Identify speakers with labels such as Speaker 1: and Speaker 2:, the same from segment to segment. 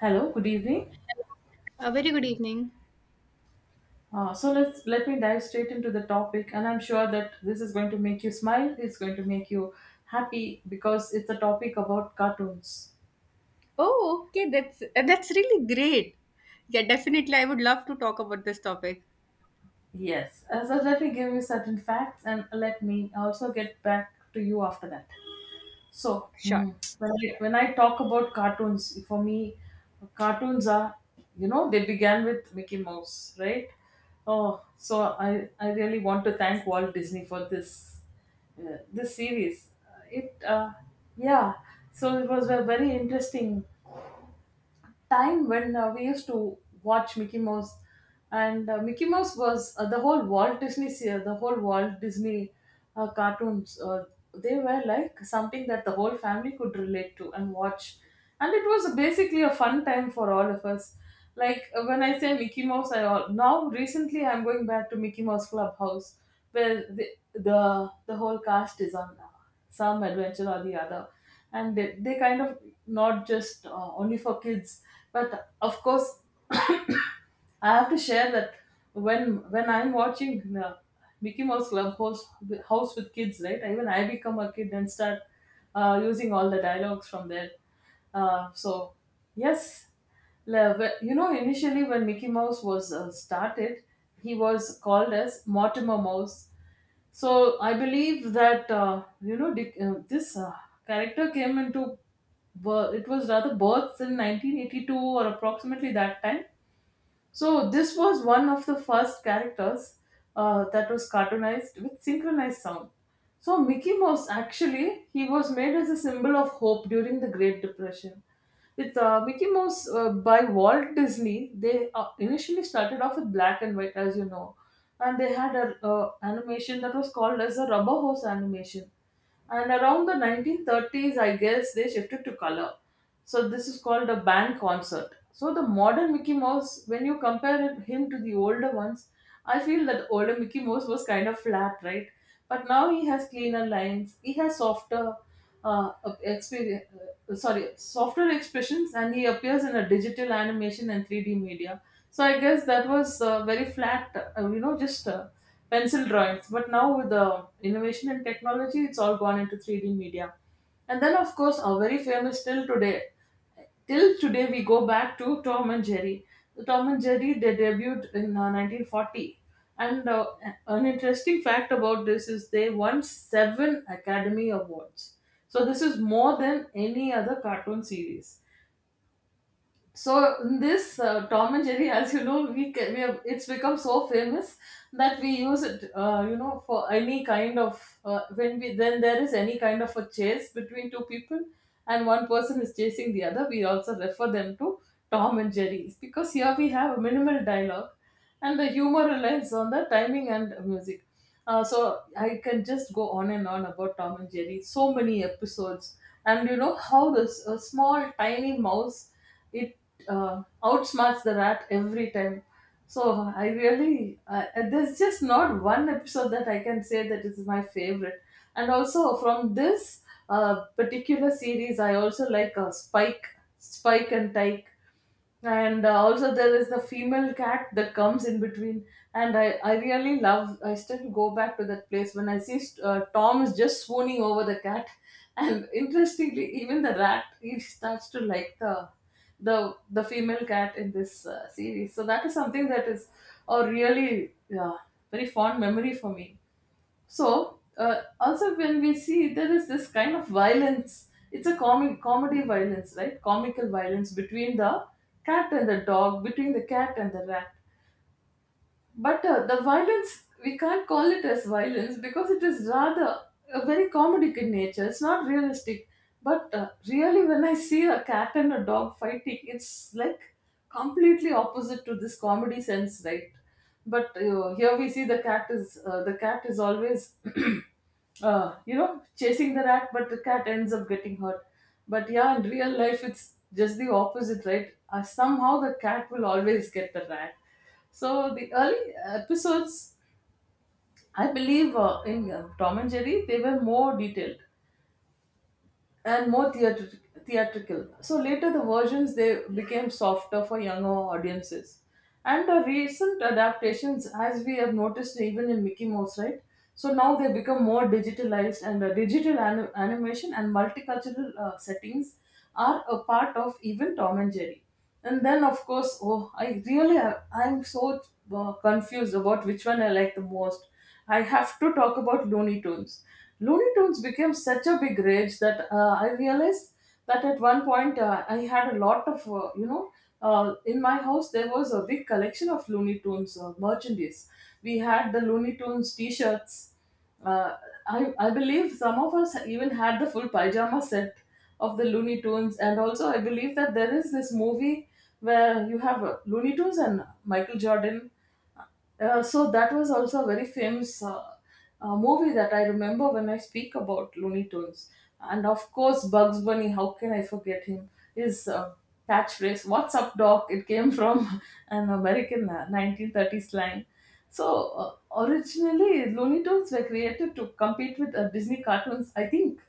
Speaker 1: Hello, good evening.
Speaker 2: A very good evening.
Speaker 1: Let me dive straight into the topic, and I'm sure that this is going to make you smile. It's going to make you happy because it's a topic about cartoons.
Speaker 2: Oh, okay. That's really great. Yeah, definitely. I would love to talk about this topic.
Speaker 1: Yes. So let me give you certain facts, and let me also get back to you after that. So
Speaker 2: Sure.
Speaker 1: when I talk about cartoons, for me, cartoons are, you know, they began with Mickey Mouse, right? Oh, so I really want to thank Walt Disney for this this series. It yeah, it was a very interesting time when we used to watch Mickey Mouse, and Mickey Mouse was the whole Walt Disney, the whole Walt Disney cartoons. They were like something that the whole family could relate to and watch, and it was basically a fun time for all of us. Like when I say Mickey Mouse, now recently I'm going back to Mickey Mouse Clubhouse, where the whole cast is on now some adventure or the other, and they kind of not just only for kids, but of course I have to share that when I'm watching the Mickey Mouse Clubhouse house with kids, right, even I become a kid and start using all the dialogues from there. So yes. You know, initially when Mickey Mouse was started, he was called as Mortimer Mouse. So I believe that, you know, this character came into it was rather birth in 1982, or approximately that time. So this was one of the first characters that was cartoonized with synchronized sound. So Mickey Mouse actually he was made as a symbol of hope during the Great Depression. With Mickey Mouse by Walt Disney, they initially started off with black and white, as you know, and they had an animation that was called as a rubber hose animation. And around the 1930s, I guess they shifted to color. So this is called a band concert. So the modern Mickey Mouse, when you compare him to the older ones, I feel that older Mickey Mouse was kind of flat, right? But now he has cleaner lines. He has uh, softer expressions, and he appears in a digital animation and three D media. So I guess that was very flat, you know, just pencil drawings. But now with the innovation and technology, it's all gone into three D media. And then, of course, are very famous till today. Till today, we go back to Tom and Jerry. So, Tom and Jerry they debuted in 1940. And an interesting fact about this is they won 7 Academy Awards. So this is more than any other cartoon series. So in this Tom and Jerry, as you know, we, can, we have, it's become so famous that we use it, you know, for any kind of when we then there is any kind of a chase between two people, and one person is chasing the other. We also refer them to Tom and Jerry because here we have a minimal dialogue, and the humor relies on the timing and music. So I can just go on and on about Tom and Jerry. So many episodes, and you know how this small tiny mouse it outsmarts the rat every time. So I really, there's just not one episode that I can say that is my favorite. And also from this particular series I also like Spike, and Tyke. And also there is the female cat that comes in between. And I really love, I still go back to that place when I see Tom is just swooning over the cat and interestingly, even the rat he starts to like the female cat in this series. So that is something that is a really, yeah, very fond memory for me. So, also when we see there is this kind of violence, it's a comic comedy violence, right? Comical violence between the cat and the dog, between the cat and the rat. But the violence, we can't call it as violence because it is rather a very comedic in nature. It's not realistic. But really, when I see a cat and a dog fighting, it's like completely opposite to this comedy sense, right? But here we see the cat is always you know, chasing the rat, but the cat ends up getting hurt. But yeah, in real life, it's just the opposite, right? Somehow the cat will always get the rat. So the early episodes, I believe, in Tom and Jerry, they were more detailed and more theatrical. So later, the versions they became softer for younger audiences. And the recent adaptations, as we have noticed, even in Mickey Mouse, right? So now they become more digitalized, and digital animation and multicultural settings are a part of even Tom and Jerry. And then, of course, oh, I really have, I'm so confused about which one I like the most. I have to talk about Looney Tunes. Looney Tunes became such a big rage that I realized that at one point I had a lot of, you know. In my house, there was a big collection of Looney Tunes merchandise. We had the Looney Tunes T-shirts. Uh, I believe some of us even had the full pajama set of the Looney Tunes, and also I believe that there is this movie where you have Looney Tunes and Michael Jordan. So that was also a very famous movie that I remember when I speak about Looney Tunes. And of course, Bugs Bunny, how can I forget him? His catchphrase, "What's up, Doc?" It came from an American 1930s slang. So originally, Looney Tunes were created to compete with Disney cartoons, I think,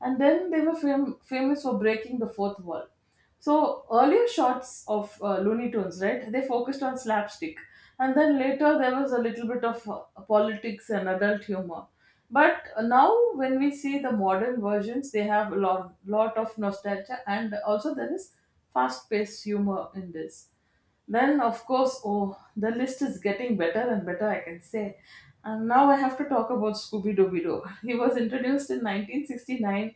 Speaker 1: and then they were famous for breaking the fourth wall. So earlier shots of Looney Tunes, right? They focused on slapstick, and then later there was a little bit of politics and adult humor. But now, when we see the modern versions, they have a lot of nostalgia, and also there is fast-paced humor in this. Then, of course, oh, the list is getting better and better, I can say. And now I have to talk about Scooby Dooby Doo. He was introduced in 1969.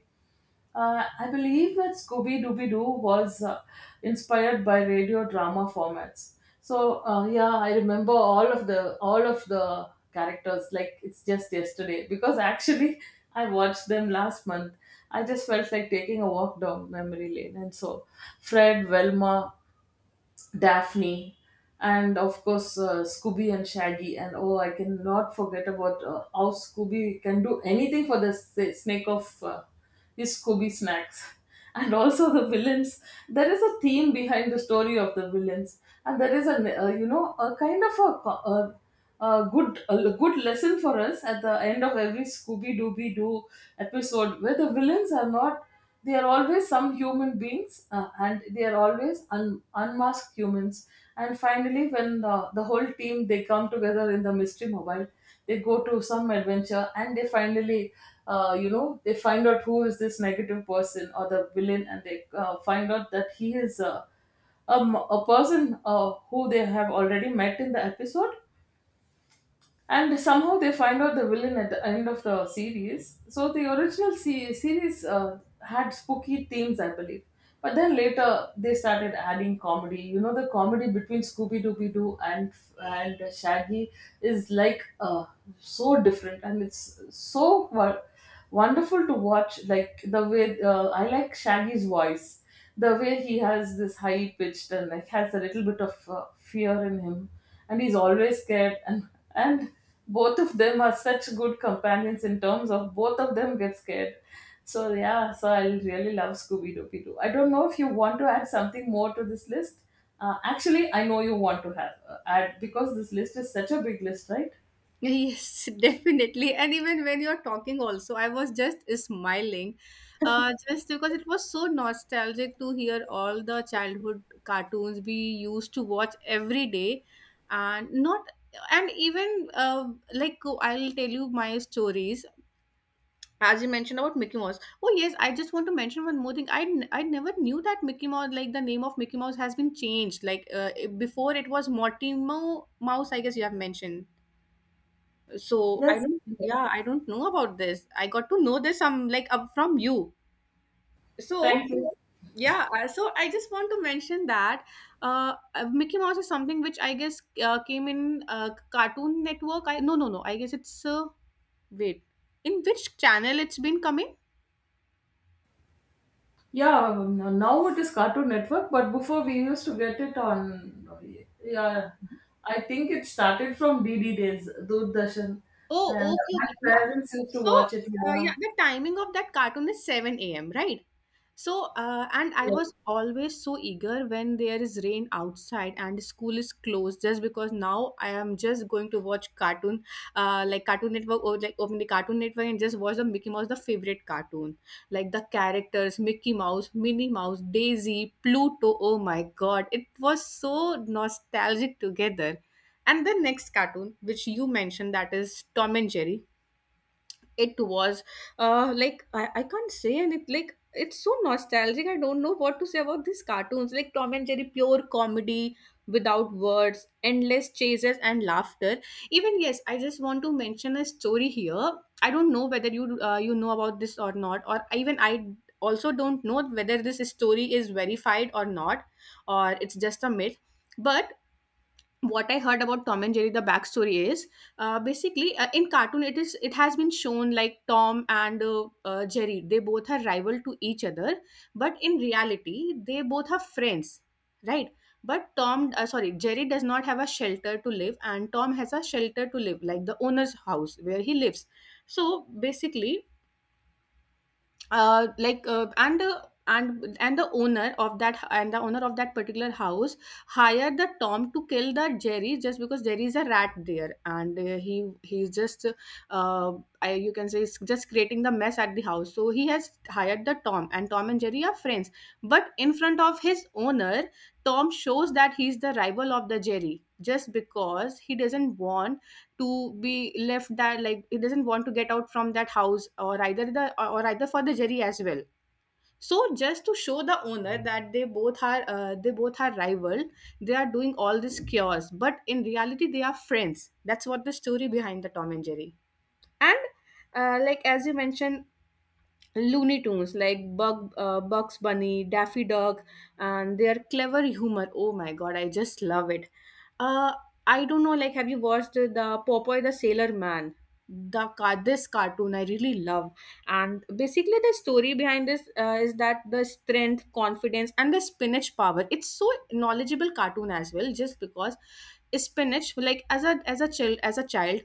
Speaker 1: I believe that Scooby Dooby Doo was inspired by radio drama formats. So, yeah, I remember all of the characters like it's just yesterday, because actually I watched them last month. I just felt like taking a walk down memory lane, and so Fred, Velma, Daphne, and of course Scooby and Shaggy. And oh, I cannot forget about how Scooby can do anything for the snake of is Scooby Snacks. And also the villains. There is a theme behind the story of the villains, and there is a, you know, a kind of a good lesson for us at the end of every Scooby Dooby Doo episode, where the villains are not. They are always some human beings, and they are always unmasked humans. And finally, when the whole team they come together in the mystery mobile, they go to some adventure and they finally, you know, they find out who is this negative person or the villain, and they find out that he is a person who they have already met in the episode, and somehow they find out the villain at the end of the series. So the original series had spooky themes, I believe. But then later they started adding comedy. You know, the comedy between Scooby Dooby Doo and Shaggy is like so different, and it's so, well, wonderful to watch. Like, the way I like Shaggy's voice, the way he has this high pitched and like has a little bit of fear in him, and he's always scared. And both of them are such good companions in terms of both of them get scared. So yeah, so I really love Scooby Dooby Doo. I don't know if you want to add something more to this list. Actually, I know you want to have add, because this list is such a big list, right?
Speaker 2: Yes, definitely. And even when you're talking, also, I was just smiling, just because it was so nostalgic to hear all the childhood cartoons we used to watch every day, and not, and even like I'll tell you my stories. As you mentioned about Mickey Mouse. Oh yes, I just want to mention one more thing. I never knew that Mickey Mouse, like the name of Mickey Mouse, has been changed. Before, it was Mortimer Mouse. I guess you have mentioned. So I
Speaker 1: Yes.
Speaker 2: don't. Yeah, I don't know about this. I got to know this some like up from you. So
Speaker 1: Thank you.
Speaker 2: yeah, so I just want to mention that Mickey Mouse is something which I guess came in Cartoon Network. I no no no. I guess it's wait. In which channel it's been coming?
Speaker 1: Yeah, now it is Cartoon Network, but before we used to get it on. Yeah, I think it started from DD days, Doordarshan, and
Speaker 2: Oh, okay,
Speaker 1: my
Speaker 2: okay. Yeah.
Speaker 1: parents used to
Speaker 2: So,
Speaker 1: watch it. Yeah,
Speaker 2: yeah, the timing of that cartoon is 7 a.m., right? So, and I was always so eager when there is rain outside and school is closed just because now I am just going to watch cartoon, like Cartoon Network, or like open the Cartoon Network and just watch the Mickey Mouse, the favorite cartoon. Like the characters, Mickey Mouse, Minnie Mouse, Daisy, Pluto. Oh my God. It was so nostalgic together, and the next cartoon which you mentioned, that is Tom and Jerry. It was I can't say anything. Like, it's so nostalgic. I don't know what to say about these cartoons. Like Tom and Jerry, pure comedy without words, endless chases and laughter. Even, yes, I just want to mention a story here. I don't know whether you you know about this or not, or even I also don't know whether this story is verified or not, or it's just a myth. But what I heard about Tom and Jerry, the backstory is, basically in cartoon it has been shown like Tom and Jerry, they both are rival to each other, but in reality they both are friends, right? But Jerry does not have a shelter to live, and Tom has a shelter to live, like the owner's house where he lives. So basically, like and the owner of that, and the owner of that particular house, hired the Tom to kill the Jerry just because Jerry is a rat there, and he, he's just uh, I, you can say he's just creating the mess at the house. So he has hired the Tom, and Tom and Jerry are friends, but in front of his owner, Tom shows that he's the rival of the Jerry just because he doesn't want to be left there. Like, he doesn't want to get out from that house, or either for the Jerry as well. So just to show the owner that they both are rival, they are doing all this cures, but in reality they are friends. That's what the story behind the Tom and Jerry. And like as you mentioned, Looney Tunes, like Bugs Bunny, Daffy Duck, and their clever humor. Oh my god, I just love it. Uh, I don't know, like, have you watched the Popeye the Sailor Man? This cartoon I really love, and basically the story behind this is that the strength, confidence, and the spinach power. It's so knowledgeable cartoon as well, just because spinach, like, as a child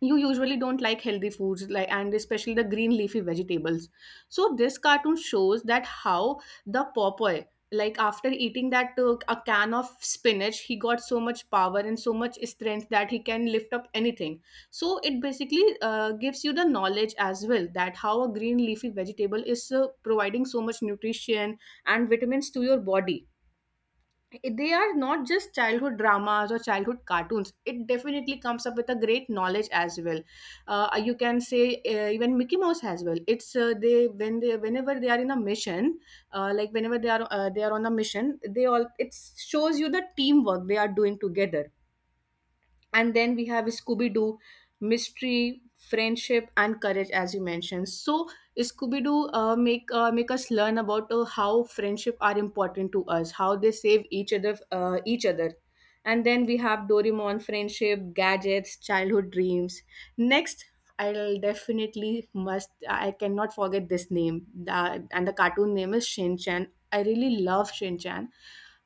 Speaker 2: you usually don't like healthy foods, like, and especially the green leafy vegetables. So this cartoon shows that how the Popeye, like, after eating that a can of spinach, he got so much power and so much strength that he can lift up anything. So it basically gives you the knowledge as well, that how a green leafy vegetable is providing so much nutrition and vitamins to your body. They are not just childhood dramas or childhood cartoons. It definitely comes up with a great knowledge as well. You can say even Mickey Mouse as well. It's they when they Whenever they are in a mission, like whenever they are on a mission, they all, it shows you the teamwork they are doing together. And then we have Scooby Doo, mystery, friendship, and courage, as you mentioned. So Scooby Doo make us learn about how friendship are important to us, how they save each other. And then we have Doraemon, friendship, gadgets, childhood dreams. Next, I'll definitely must. I cannot forget this name. The cartoon name is Shin Chan. I really love Shin Chan,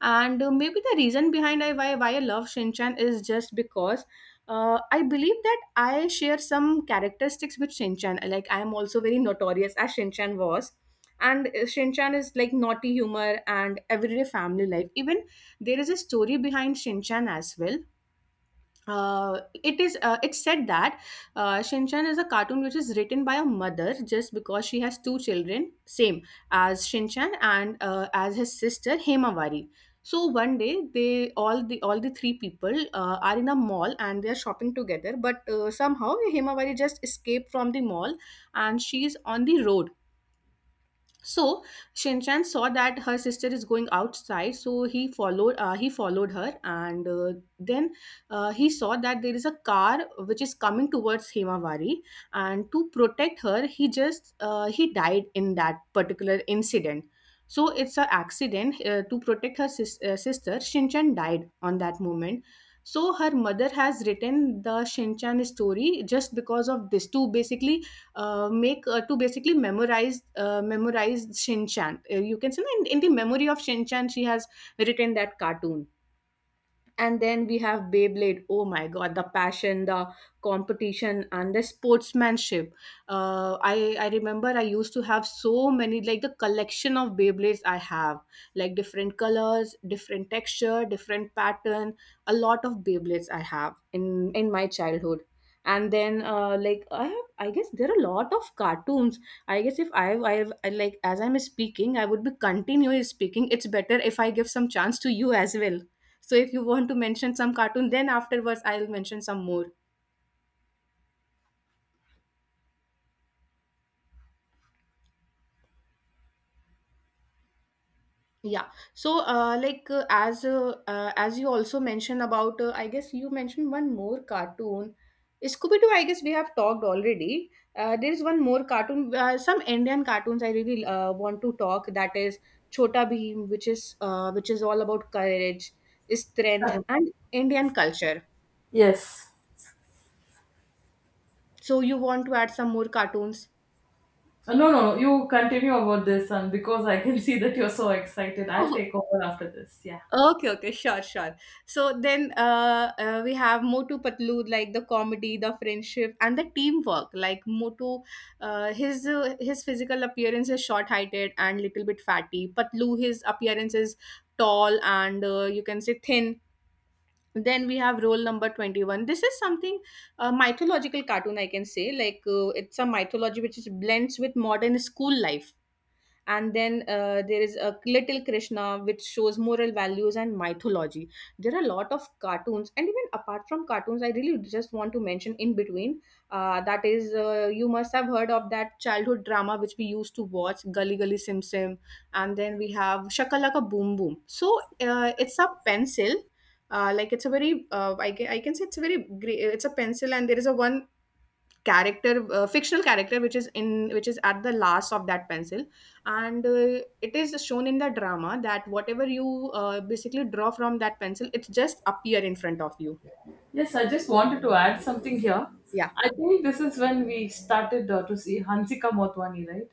Speaker 2: and maybe the reason behind I, why I love Shinchan is just because I believe that I share some characteristics with Shinchan. Like, I am also very notorious as Shinchan was. And Shinchan is like naughty humor and everyday family life. Even there is a story behind Shinchan as well. It's said that Shinchan is a cartoon which is written by a mother just because she has two children, same as Shinchan and as his sister Hemawari. So one day, the all the three people are in a mall and they are shopping together. But somehow Hemawari just escaped from the mall, and she is on the road. So Shinchan saw that her sister is going outside, so he followed. He followed her, and then he saw that there is a car which is coming towards Himawari, and to protect her, he died in that particular incident. So it's an accident. To protect her sister, Shinchan died on that moment. So her mother has written the Shinchan story just because of this. To basically memorize Shinchan. You can say, no, in the memory of Shin Chan, she has written that cartoon. And then we have Beyblade. Oh my God, the passion, the competition, and the sportsmanship. I remember I used to have so many, like, the collection of Beyblades I have, like different colors, different texture, different pattern. A lot of Beyblades I have in my childhood. And then, like, I have, I guess there are a lot of cartoons. I guess if I, I like As I'm speaking, I would be continually speaking. It's better if I give some chance to you as well. So if you want to mention some cartoon, then afterwards I'll mention some more. Yeah. So as you also mentioned about, I guess you mentioned one more cartoon, Scooby Doo, I guess we have talked already. There is one more cartoon, some Indian cartoons I really want to talk, that is Chota Bheem, which is all about courage,
Speaker 1: yeah.
Speaker 2: strength, and Indian culture.
Speaker 1: Yes.
Speaker 2: So you want to add some more cartoons?
Speaker 1: No, no, no, you continue about this, and because I can see that you're so excited, I'll take over after this. Yeah.
Speaker 2: Okay, okay, sure, sure. So then we have Motu Patlu, like the comedy, the friendship, and the teamwork. Like Motu, his physical appearance is short-heighted and little bit fatty. Patlu, his appearance is tall and, you can say, thin. Then we have role number 21. This is something a mythological cartoon, I can say. Like it's a mythology which is blends with modern school life, and then there is a Little Krishna, which shows moral values and mythology. There are a lot of cartoons, and even apart from cartoons, I really just want to mention in between, that is you must have heard of that childhood drama which we used to watch, Gully Gully Sim Sim. And then we have Shakalaka Boom Boom. So it's a pencil, like it's a very I can say it's a very great, it's a pencil, and there is a one character, fictional character, which is at the last of that pencil. And It is shown in the drama that whatever you basically draw from that pencil, it just appear in front of you.
Speaker 1: Yes, I just wanted to add something here.
Speaker 2: Yeah.
Speaker 1: I think this is when we started to see Hansika Motwani, right?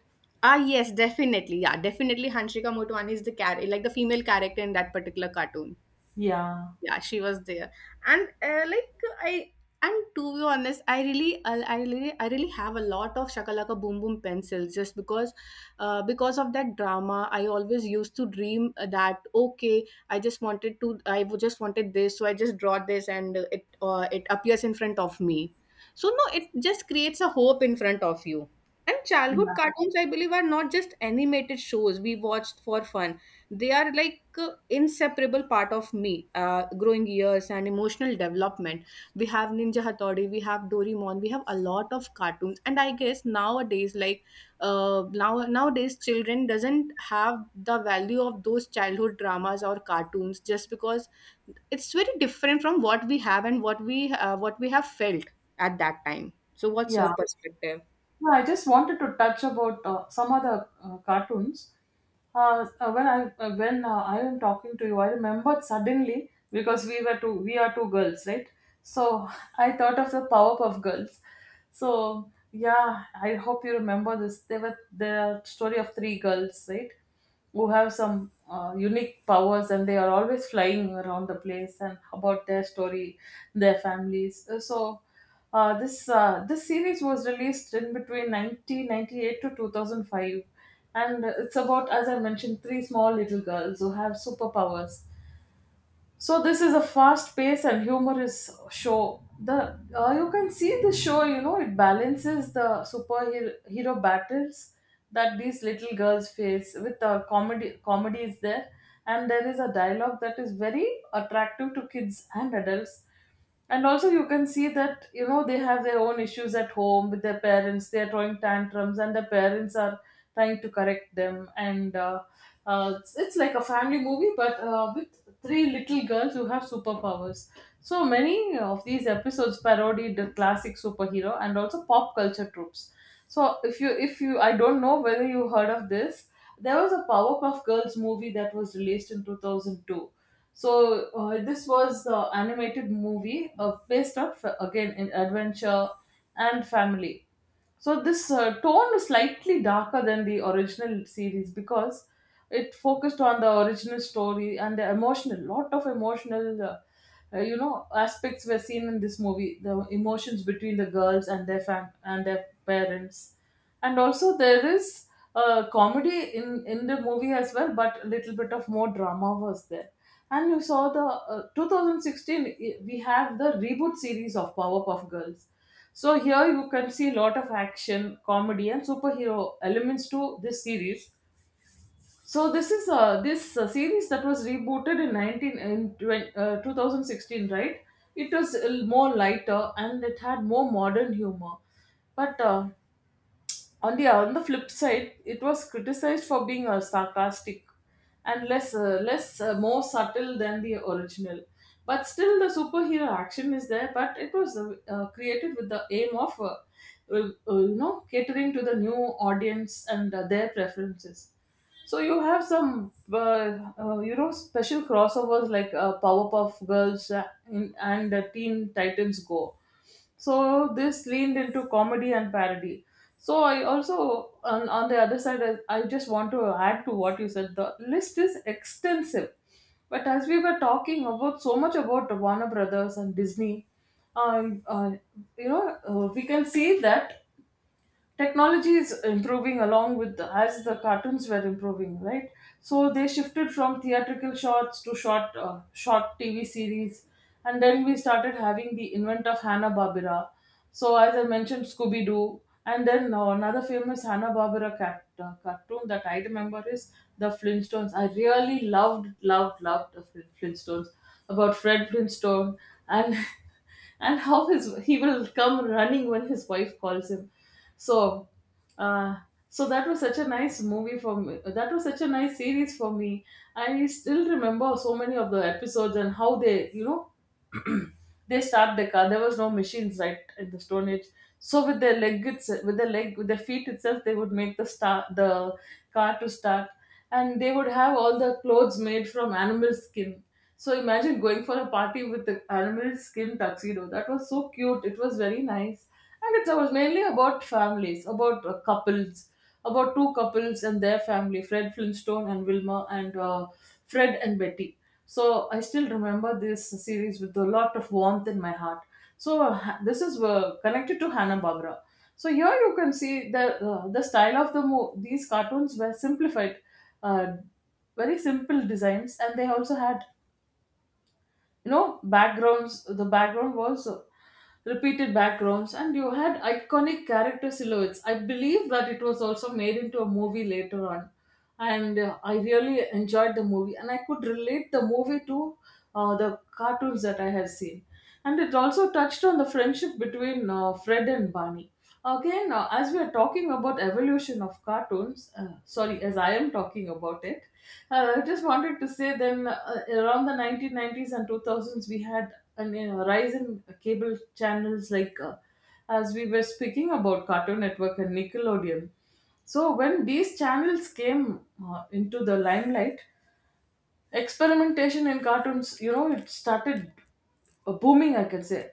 Speaker 2: Ah, yes, definitely. Yeah, definitely, Hanshika Motwani is the character, like the female character in that particular cartoon.
Speaker 1: Yeah.
Speaker 2: Yeah, she was there. And like I and to be honest, I really have a lot of Shakalaka Boom Boom pencils, just because of that drama, I always used to dream that okay, I would just wanted this, so I just draw this and it appears in front of me. So no, it just creates a hope in front of you. And childhood
Speaker 1: Yeah.
Speaker 2: cartoons, I believe, are not just animated shows we watched for fun. They are like inseparable part of me, growing years and emotional development. We have Ninja Hattori, we have Doraemon, we have a lot of cartoons. And I guess nowadays, like uh, now nowadays, children doesn't have the value of those childhood dramas or cartoons, just because it's very different from what we have and what we have felt at that time. So what's your
Speaker 1: Yeah.
Speaker 2: perspective?
Speaker 1: No, I just wanted to touch about some other cartoons. When I am talking to you, I remembered suddenly because we are two girls, right? So I thought of the Powerpuff Girls. So yeah, I hope you remember this. They were the story of three girls, right? Who have some unique powers, and they are always flying around the place and about their story, their families. So this series was released in between 1998 to 2005, and it's about, as I mentioned, three small little girls who have superpowers. So this is a fast-paced and humorous show. The You can see the show. You know, it balances the superhero hero battles that these little girls face with the comedy. Comedy is there, and there is a dialogue that is very attractive to kids and adults. And also, you can see that, you know, they have their own issues at home with their parents, they are throwing tantrums, and the parents are trying to correct them, and it's like a family movie, but with three little girls who have superpowers. So many of these episodes parodied the classic superhero and also pop culture tropes. So if you I don't know whether you heard of this, there was a Powerpuff Girls movie that was released in 2002. So this was the animated movie based on again in adventure and family. So this tone is slightly darker than the original series because it focused on the original story and the emotional lot of emotional you know, aspects were seen in this movie, the emotions between the girls and their and their parents. And also, there is comedy in the movie as well, but a little bit of more drama was there. And you saw the 2016, we have the reboot series of Powerpuff Girls. So here you can see a lot of action, comedy, and superhero elements to this series. So this is this series that was rebooted in 2016, right? It was more lighter, and it had more modern humor. But on the flip side, it was criticized for being sarcastic and less less more subtle than the original. But still, the superhero action is there. But it was created with the aim of you know, catering to the new audience and their preferences. So you have some, you know, special crossovers like Powerpuff Girls and Teen Titans Go. So this leaned into comedy and parody. So I also, on the other side, I just want to add to what you said. The list is extensive, but as we were talking about so much about Warner Brothers and Disney, uh, uh, you know, we can see that technology is improving along with as the cartoons were improving, right? So they shifted from theatrical shorts to short short TV series. And then we started having the invent of Hanna-Barbera. So as I mentioned, Scooby-Doo. And then another famous Hanna-Barbera cartoon that I remember is the Flintstones. I really loved loved the Flintstones, about Fred Flintstone, and and how his he will come running when his wife calls him. So, uh, so that was such a nice movie for me. That was such a nice series for me. I still remember so many of the episodes and how they, you know, they start the car. There was no machines right in the Stone Age, so with their leg with their leg with their feet itself, they would make the start the car to start, and they would have all the clothes made from animal skin. So imagine going for a party with the animal skin tuxedo. That was so cute. It was very nice, and it was mainly about families, about couples, about two couples and their family, Fred Flintstone and Wilma, and Fred and Betty. So I still remember this series with a lot of warmth in my heart. So this is connected to Hanna Barbera. So here you can see the style of the these cartoons were simplified, uh, very simple designs, and they also had, you know, backgrounds. The background was repeated backgrounds, and you had iconic character silhouettes. I believe that it was also made into a movie later on, and I really enjoyed the movie, and I could relate the movie to the cartoons that I had seen. And it also touched on the friendship between Fred and Barney. Okay, now as we are talking about evolution of cartoons, sorry, as I am talking about it, I just wanted to say then around the 1990s and 2000s, we had a rise in cable channels like as we were speaking about Cartoon Network and Nickelodeon. So when these channels came into the limelight, experimentation in cartoons, you know, it started booming, I can say.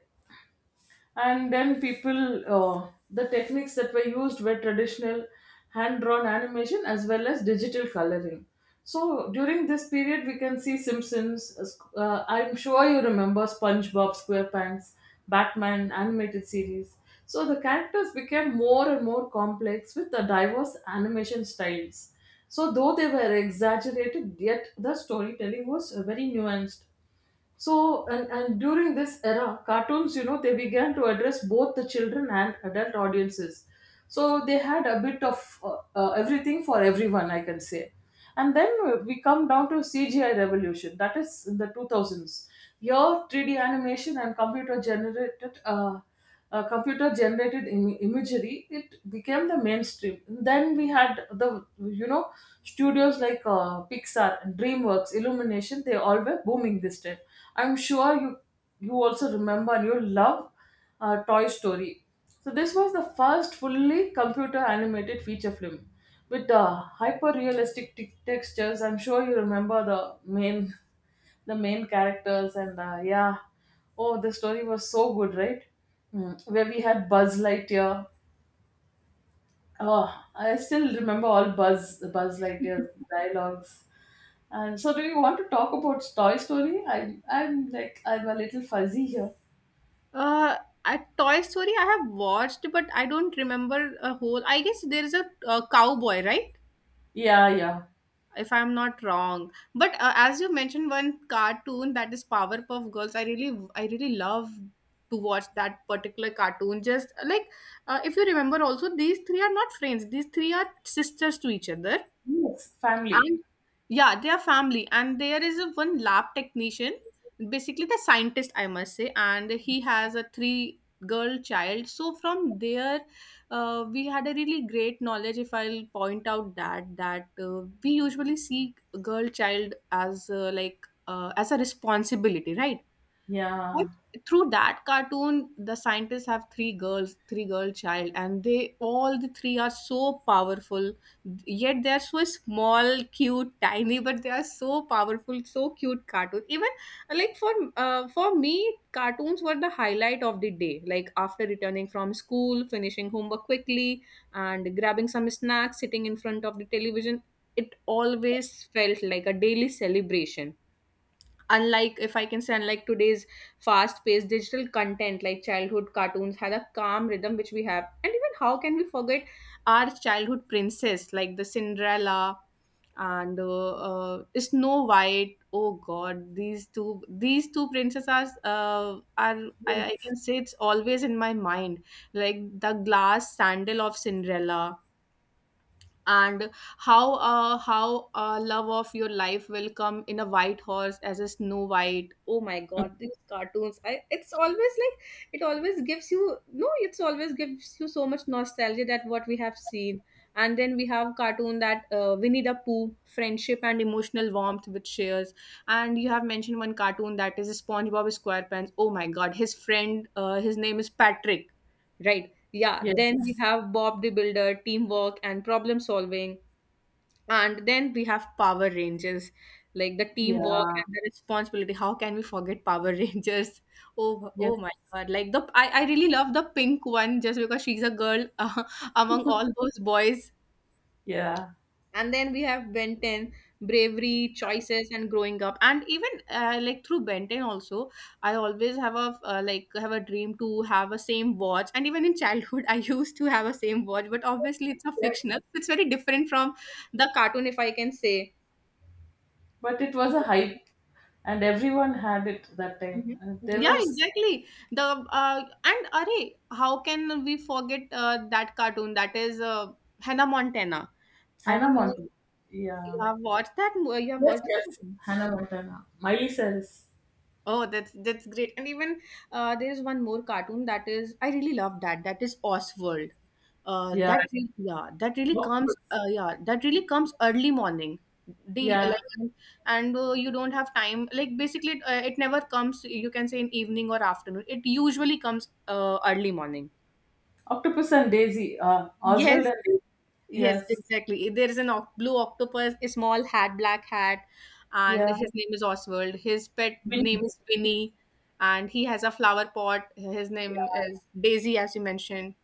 Speaker 1: And then people the techniques that were used were traditional hand drawn animation as well as digital coloring. So during this period, we can see Simpsons, I'm sure you remember SpongeBob SquarePants, Batman animated series. So the characters became more and more complex with the diverse animation styles. So though they were exaggerated, yet the storytelling was very nuanced. So, and during this era, cartoons, you know, they began to address both the children and adult audiences. So, they had a bit of everything for everyone, I can say. And then we come down to CGI revolution, that is in the 2000s. Here, 3D animation and computer generated. Computer generated imagery, it became the mainstream. Then we had the, you know, studios like Pixar, Dreamworks, Illumination. They all were booming this time. I'm sure you also remember and you love Toy Story. So this was the first fully computer animated feature film with hyper realistic textures. I'm sure you remember main the main characters, and yeah, oh the story was so good, right? Mm, where we had Buzz Lightyear. Oh, I still remember all Buzz Lightyear dialogues. And so do you want to talk about Toy Story? I'm a little fuzzy here.
Speaker 2: Uh, a Toy Story I have watched, but I don't remember a whole. I guess there is a, uh, cowboy, right?
Speaker 1: Yeah, yeah.
Speaker 2: If I'm not wrong. But as you mentioned, one cartoon that is Powerpuff Girls. I really love to watch that particular cartoon. Just like if you remember, also these three are not friends. These three are sisters to each other.
Speaker 1: Yes, family.
Speaker 2: And yeah, they are family, and there is a one lab technician, basically the scientist, I must say, and he has a three girl child. So from there, we had a really great knowledge, if I'll point out that we usually see girl child as as a responsibility, right?
Speaker 1: Yeah.
Speaker 2: But through that cartoon, the scientists have three girls, three girl child, and they all the three are so powerful. Yet they are so small, cute, tiny, but they are so powerful, so cute cartoon. Even like for me, cartoons were the highlight of the day. Like after returning from school, finishing homework quickly, and grabbing some snacks, sitting in front of the television. It always felt like a daily celebration, unlike, if I can say, unlike today's fast paced digital content. Like childhood cartoons had a calm rhythm which we have. And even how can we forget our childhood princess, like the Cinderella, and Snow White. Oh God, these two, these two princesses are, I can say it's always in my mind, like the glass sandal of Cinderella. And how love of your life will come in a white horse as a Snow White. Oh my God, these cartoons, it's always like, it always gives you, no, it's always gives you so much nostalgia that what we have seen. And then we have cartoon that Winnie the Pooh, friendship and emotional warmth which shares. And you have mentioned one cartoon that is SpongeBob SquarePants. Oh my God, his friend, his name is Patrick, right? Yeah,
Speaker 1: Yes.
Speaker 2: then we have Bob the Builder, teamwork and problem solving. And then we have Power Rangers, like the teamwork
Speaker 1: Yeah.
Speaker 2: and the responsibility. How can we forget Power Rangers? Oh,
Speaker 1: Yes.
Speaker 2: oh my God. Like I really love the pink one, just because she's a girl, among all those boys.
Speaker 1: Yeah.
Speaker 2: And then we have Ben 10, bravery, choices and growing up. And even like through Ben 10 also, I always have a have a dream to have a same watch. And even in childhood, I used to have a same watch, but obviously it's a
Speaker 1: Yes.
Speaker 2: fictional, so it's very different from the cartoon, if I can say.
Speaker 1: But it was a hype, and everyone had it that time.
Speaker 2: Mhm.
Speaker 1: And there
Speaker 2: Yeah,
Speaker 1: was
Speaker 2: exactly. The and array, how can we forget that cartoon? That is Hannah Montana. I
Speaker 1: Hannah
Speaker 2: don't know.
Speaker 1: Montana.
Speaker 2: If you
Speaker 1: Yeah.
Speaker 2: have watched that? You have
Speaker 1: Yes,
Speaker 2: watched?
Speaker 1: yes. Hannah Montana. Miley Cyrus.
Speaker 2: Oh, that's great. And even there is one more cartoon that is, I really love that. That is Oswald.
Speaker 1: Yeah.
Speaker 2: That really, yeah, that really comes
Speaker 1: Octopus.
Speaker 2: yeah, that really comes early morning. Deal,
Speaker 1: Yeah.
Speaker 2: like, and, you don't have time. Like basically, it, it never comes. You can say in evening or afternoon. It usually comes early morning.
Speaker 1: Octopus and Daisy. Oswald
Speaker 2: Yes,
Speaker 1: and Daisy.
Speaker 2: yes,
Speaker 1: Yes.
Speaker 2: exactly. There is an blue octopus, a small hat, black hat, and
Speaker 1: Yeah.
Speaker 2: his name is Oswald. His pet name
Speaker 1: Winnie.
Speaker 2: is Winnie, and he has a flower pot. His
Speaker 1: Yeah.
Speaker 2: name is Daisy, as you mentioned.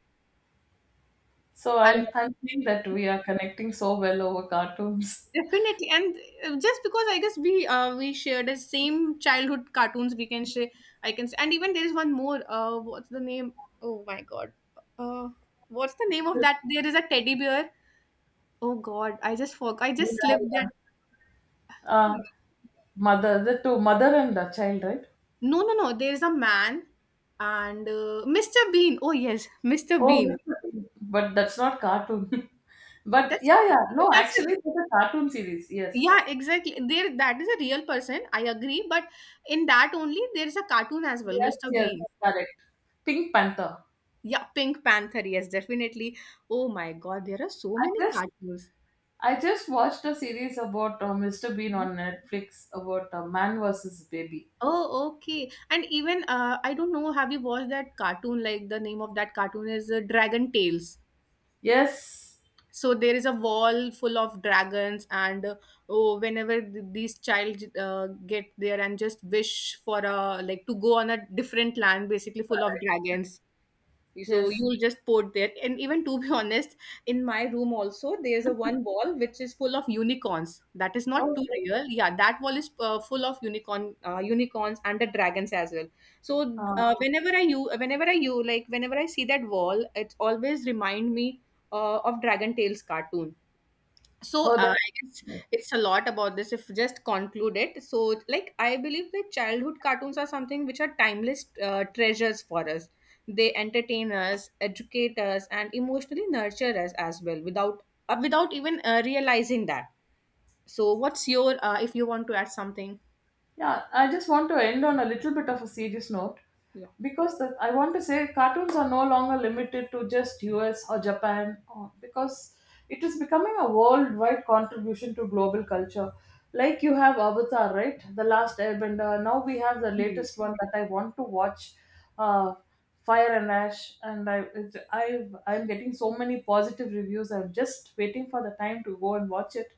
Speaker 1: So
Speaker 2: And
Speaker 1: I'm seeing that we are connecting so well over cartoons.
Speaker 2: definitely, and just because I guess we share the same childhood cartoons, we can share. I can. And even there is one more. What's the name? Oh my God. Uh, what's the name of
Speaker 1: Yeah,
Speaker 2: that? There is a teddy bear. Oh God, I just forgot. I just slipped
Speaker 1: yeah. Uh,
Speaker 2: that.
Speaker 1: Mother, the two, mother and the child, right?
Speaker 2: No, no, no. There's a man and Mr. Bean. Oh yes, Mr.
Speaker 1: Oh,
Speaker 2: Bean.
Speaker 1: but that's not cartoon. But
Speaker 2: That's
Speaker 1: yeah,
Speaker 2: not,
Speaker 1: yeah.
Speaker 2: yeah,
Speaker 1: No,
Speaker 2: that's
Speaker 1: actually,
Speaker 2: a,
Speaker 1: it's a cartoon series. Yes.
Speaker 2: yeah, exactly. There that is a real person. I agree, but in that only there is a cartoon as well,
Speaker 1: Yes,
Speaker 2: Mr.
Speaker 1: yes,
Speaker 2: Bean.
Speaker 1: correct. Pink Panther.
Speaker 2: Yeah, Pink Panther. Yes, definitely. Oh my God, there are so
Speaker 1: I
Speaker 2: many
Speaker 1: just
Speaker 2: cartoons.
Speaker 1: I just watched a series about Mr. Bean
Speaker 2: Mhm.
Speaker 1: on Netflix about man versus baby.
Speaker 2: Oh, okay. And even I don't know, have you watched that cartoon? Like the name of that cartoon is Dragon Tales.
Speaker 1: Yes,
Speaker 2: So there is a wall full of dragons. And oh, whenever these child get there and just wish for a, like to go on a different land, basically full of dragons, so
Speaker 1: yes.
Speaker 2: you'll just put that. And even to be honest, in my room also, there's a one wall which is full of unicorns. That is not too
Speaker 1: Okay.
Speaker 2: real. Yeah, that wall is full of unicorn, unicorns and the dragons as well. So
Speaker 1: Uh,
Speaker 2: whenever I you like whenever I see that wall, it always remind me of Dragon Tales cartoon. So
Speaker 1: oh, that.
Speaker 2: I guess it's a lot about this, if just conclude it. So like I believe that childhood cartoons are something which are timeless treasures for us. They entertain us, educate us, and emotionally nurture us as well, without without even realizing that. So what's your if you want to add something?
Speaker 1: Yeah, I just want to end on a little bit of a serious note
Speaker 2: Yeah.
Speaker 1: because I want to say cartoons are no longer limited to just US or Japan or, because it is becoming a worldwide contribution to global culture. Like you have Avatar, right? The Last Airbender. Now we have the
Speaker 2: Hmm.
Speaker 1: latest one that I want to watch, uh, Fire and Ash, and I'm getting so many positive reviews. I'm just waiting for the time to go and watch it.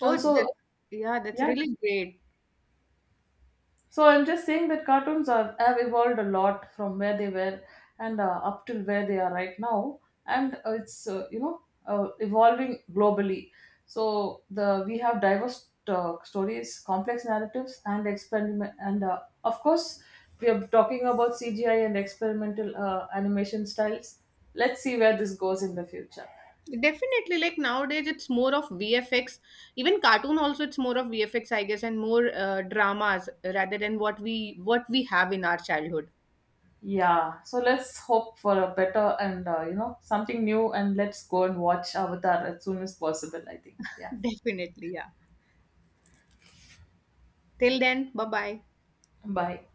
Speaker 2: Oh it's,
Speaker 1: Also,
Speaker 2: that's— yeah, that's
Speaker 1: yeah,
Speaker 2: really great.
Speaker 1: so I'm just saying that cartoons are, have evolved a lot from where they were and up till where they are right now, and it's you know, evolving globally. So the we have diverse stories, complex narratives, and experiment, and of course we are talking about CGI and experimental animation styles. Let's see where this goes in the future.
Speaker 2: Definitely, like nowadays, it's more of VFX. Even cartoon also, it's more of VFX, I guess, and more dramas rather than what we have in our childhood.
Speaker 1: Yeah, so let's hope for a better and you know, something new, and let's go and watch Avatar as soon as possible. I think. Yeah.
Speaker 2: Definitely, yeah. Till then, bye bye.
Speaker 1: Bye.